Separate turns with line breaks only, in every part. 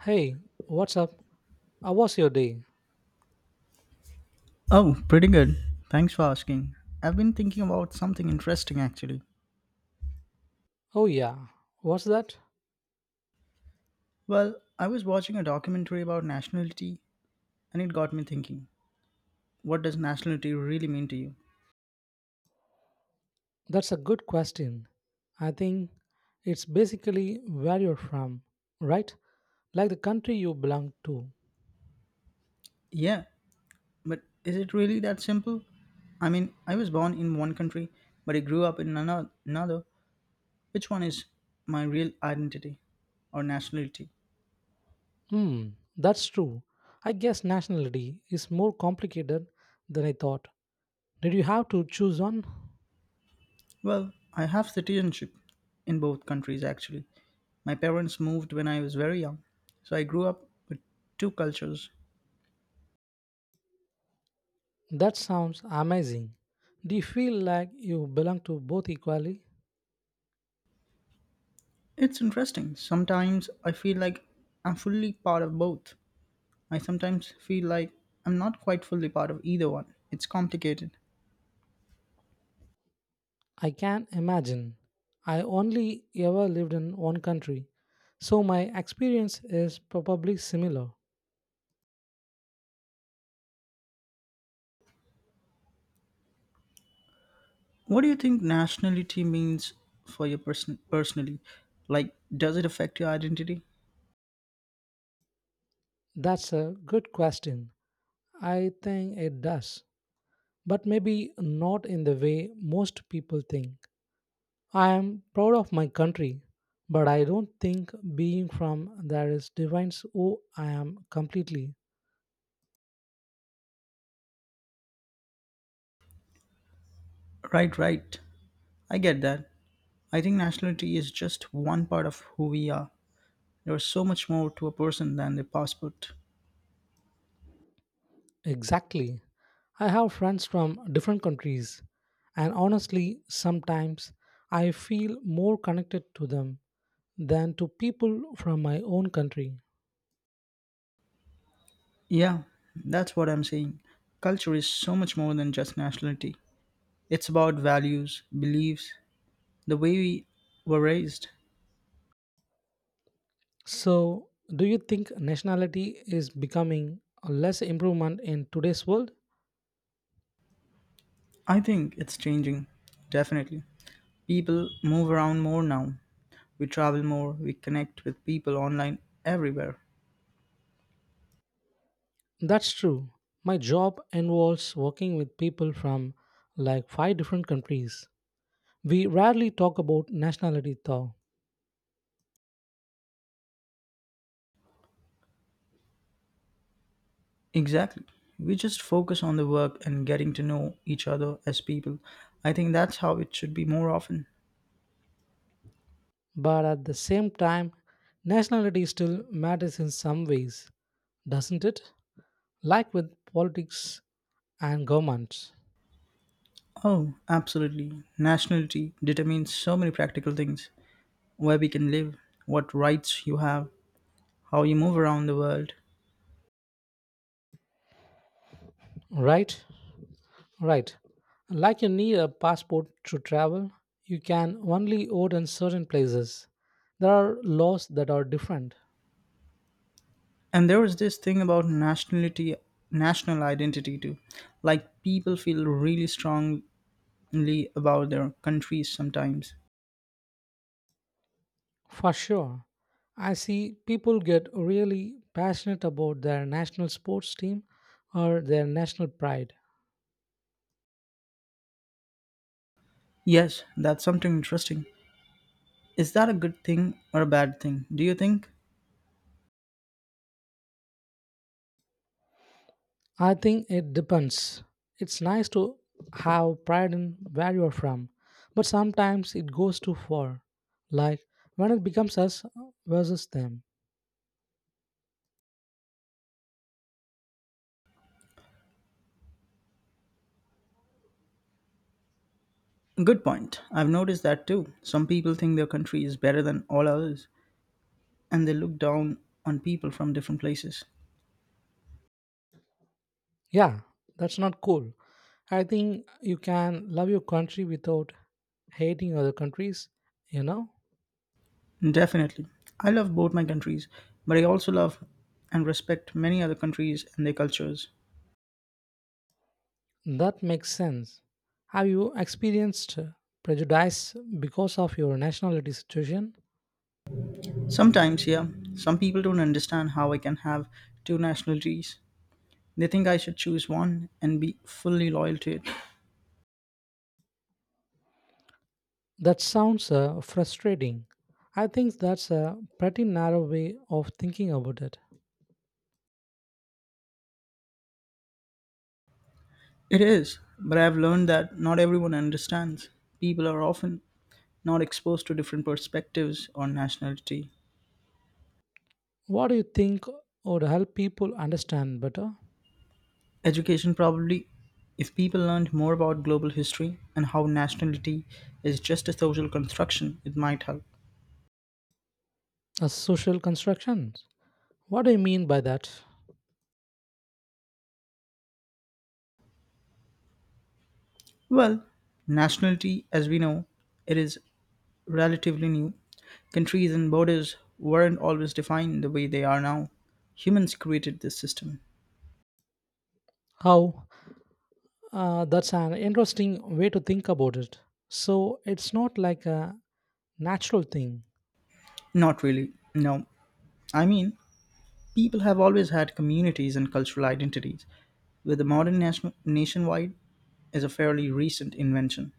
Hey, what's up? How was your day?
Oh, pretty good. Thanks for asking. I've been thinking about something interesting actually.
Oh, yeah. What's that?
Well, I was watching a documentary about nationality and it got me thinking. What does nationality really mean to you?
That's a good question. I think it's basically where you're from, right? Like the country you belong to.
Yeah, but is it really that simple? I mean, I was born in one country, but I grew up in another. Which one is my real identity or nationality?
Hmm, that's true. I guess nationality is more complicated than I thought. Did you have to choose one?
Well, I have citizenship in both countries actually. My parents moved when I was very young, so I grew up with two cultures.
That sounds amazing. Do you feel like you belong to both equally?
It's interesting. Sometimes I feel like I'm fully part of both. I sometimes feel like I'm not quite fully part of either one. It's complicated.
I can imagine. I only ever lived in one country, so my experience is probably similar.
What do you think nationality means for you personally? Like, does it affect your identity?
That's a good question. I think it does, but maybe not in the way most people think. I am proud of my country, but I don't think being from there is defines who I am completely.
Right, right. I get that. I think nationality is just one part of who we are. There's so much more to a person than their passport.
Exactly. I have friends from different countries, and honestly, sometimes I feel more connected to them than to people from my own country.
Yeah, that's what I'm saying. Culture is so much more than just nationality. It's about values, beliefs, the way we were raised.
So, do you think nationality is becoming a less improvement in today's world?
I think it's changing, definitely. People move around more now. We travel more, we connect with people online everywhere.
That's true. My job involves working with people from like 5 different countries. We rarely talk about nationality though,
Exactly. We just focus on the work and getting to know each other as people. I think that's how it should be more often.
but at the same time, nationality still matters in some ways, doesn't it? Like with politics and governments.
Oh, absolutely. Nationality determines so many practical things: where we can live, what rights you have, how you move around the world.
Right? Right. Like you need a passport to travel, you can only vote in certain places. There are laws that are different.
And there was this thing about nationality, national identity too, like people feel really strongly about their countries sometimes.
For sure. I see people get really passionate about their national sports team or their national pride.
Yes, that's something interesting. Is that a good thing or a bad thing, do you think?
I think it depends. It's nice to have pride in where you're from, but sometimes it goes too far. Like when it becomes us versus them.
Good point. I've noticed that too. Some people think their country is better than all others, and they look down on people from different places.
Yeah, that's not cool. I think you can love your country without hating other countries, you know?
Definitely. I love both my countries, but I also love and respect many other countries and their cultures.
That makes sense. Have you experienced prejudice because of your nationality situation?
Sometimes, yeah, some people don't understand how I can have two nationalities. They think I should choose one and be fully loyal to it.
That sounds frustrating. I think that's a pretty narrow way of thinking about it.
It is, but I've learned that not everyone understands. People are often not exposed to different perspectives on nationality.
What do you think would help people understand better?
Education probably, if people learned more about global history and how nationality is just a social construction, it might help.
A social constructions. What do you mean by that?
Well, nationality, as we know, it is relatively new. Countries and borders weren't always defined the way they are now. Humans created this system.
How? That's an interesting way to think about it. So it's not like a natural thing.
Not really, no. I mean, people have always had communities and cultural identities, but the modern nationwide is a fairly recent invention.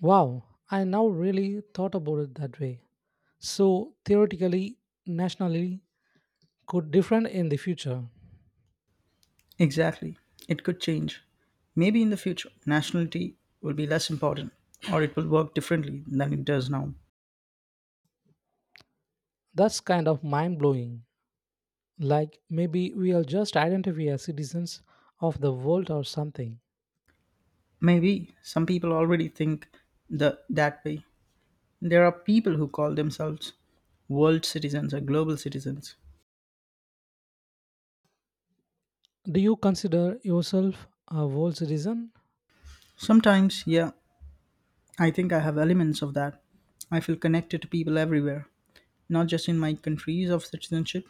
Wow, I now really thought about it that way. So theoretically, nationally, could different in the future.
Exactly. It could change. Maybe in the future, nationality will be less important, or it will work differently than it does now.
That's kind of mind blowing. Like maybe we'll just identify as citizens of the world or something.
Maybe some people already think that way. There are people who call themselves world citizens or global citizens.
Do you consider yourself a world citizen?
Sometimes, yeah, I think I have elements of that. I feel connected to people everywhere, not just in my countries of citizenship.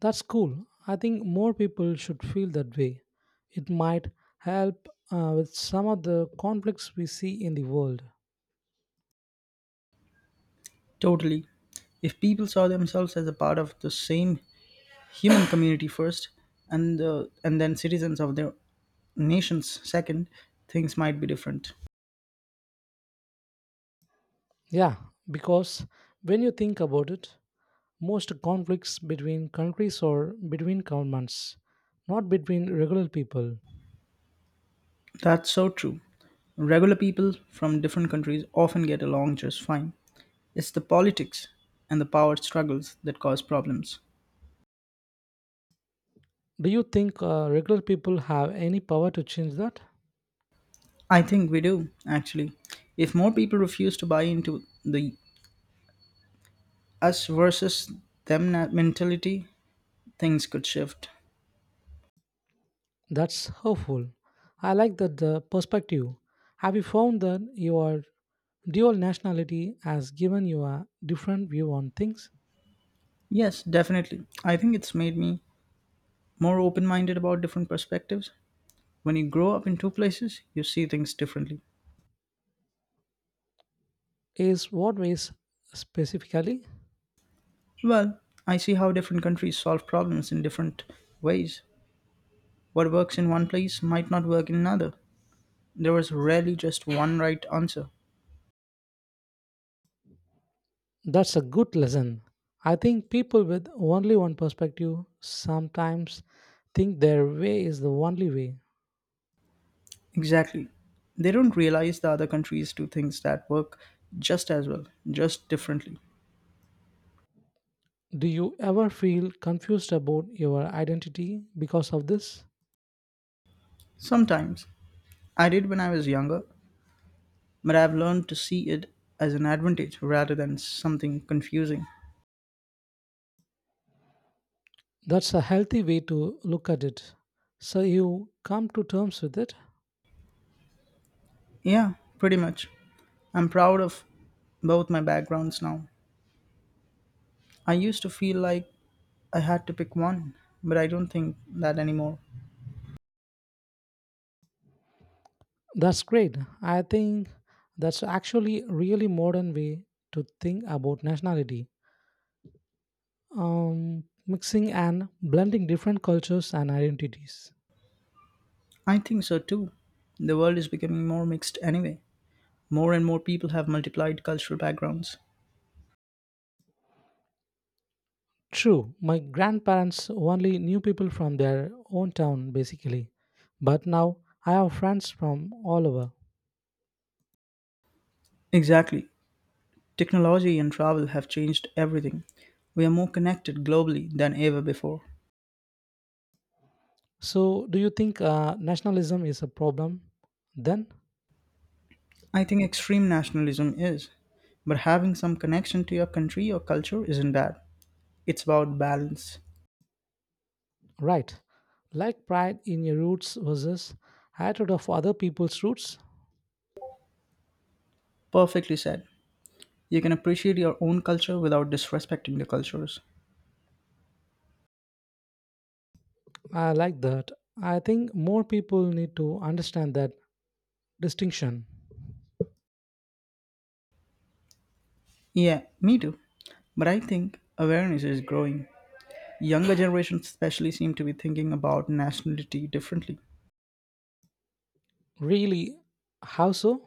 That's cool. I think more people should feel that way. It might help with some of the conflicts we see in the world.
Totally. If people saw themselves as a part of the same human community first, and then citizens of their nations second, things might be different.
Yeah, because when you think about it, most conflicts between countries or between governments, not between regular people.
That's so true. Regular people from different countries often get along just fine. It's the politics and the power struggles that cause problems.
Do you think regular people have any power to change that?
I think we do, actually. If more people refuse to buy into the us versus mentality, things could shift.
That's hopeful. I like that the perspective. Have you found that your dual nationality has given you a different view on things?
Yes, definitely. I think it's made me more open minded about different perspectives. When you grow up in two places, you see things differently.
Is what ways specifically?
Well, I see how different countries solve problems in different ways. What works in one place might not work in another. There was rarely just one right answer.
That's a good lesson. I think people with only one perspective sometimes think their way is the only way.
Exactly. They don't realize the other countries do things that work just as well, just differently.
Do you ever feel confused about your identity because of this?
Sometimes. I did when I was younger, but I've learned to see it as an advantage rather than something confusing.
That's a healthy way to look at it. So you come to terms with it.
Yeah, pretty much. I'm proud of both my backgrounds now. I used to feel like I had to pick one, but I don't think that anymore.
That's great. I think that's actually a really modern way to think about nationality, mixing and blending different cultures and identities.
I think so too. The world is becoming more mixed anyway. More and more people have multiplied cultural backgrounds.
True, my grandparents only knew people from their own town basically, but now I have friends from all over.
Exactly. Technology and travel have changed everything. We are more connected globally than ever before.
So, do you think nationalism is a problem then?
I think extreme nationalism is, but having some connection to your country or culture isn't bad. It's about balance.
Right, like pride in your roots versus hatred of other people's roots.
Perfectly said. You can appreciate your own culture without disrespecting the cultures.
I like that. I think more people need to understand that distinction.
Yeah, me too. But I think awareness is growing. Younger generations, especially, seem to be thinking about nationality differently.
Really, how so?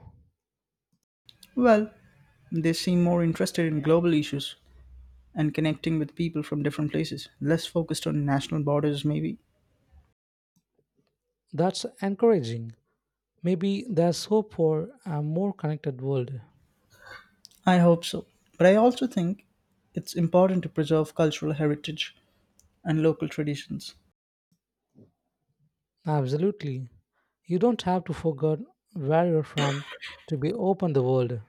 Well, they seem more interested in global issues and connecting with people from different places, less focused on national borders, maybe.
That's encouraging. Maybe there's hope for a more connected world.
I hope so. But I also think it's important to preserve cultural heritage and local traditions.
Absolutely. You don't have to forget where you're from to be open the world.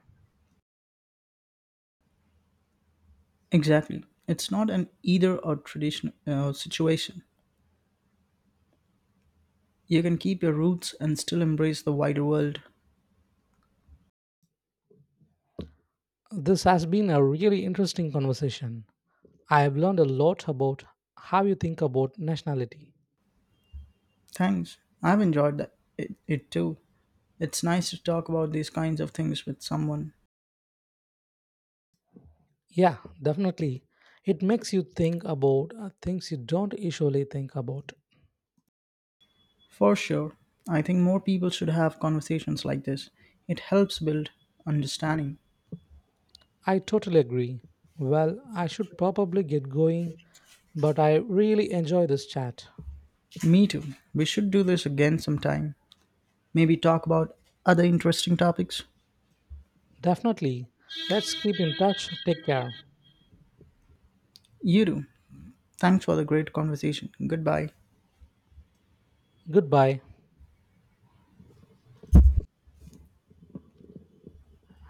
Exactly. It's not an either or tradition situation. You can keep your roots and still embrace the wider world.
This has been a really interesting conversation. I have learned a lot about how you think about nationality.
Thanks. I've enjoyed it too. It's nice to talk about these kinds of things with someone.
Yeah, definitely. It makes you think about things you don't usually think about.
For sure. I think more people should have conversations like this. It helps build understanding.
I totally agree. Well, I should probably get going, but I really enjoy this chat.
Me too. We should do this again sometime. Maybe talk about other interesting topics.
Definitely. Let's keep in touch. Take care.
You do. Thanks for the great conversation. Goodbye.
Goodbye.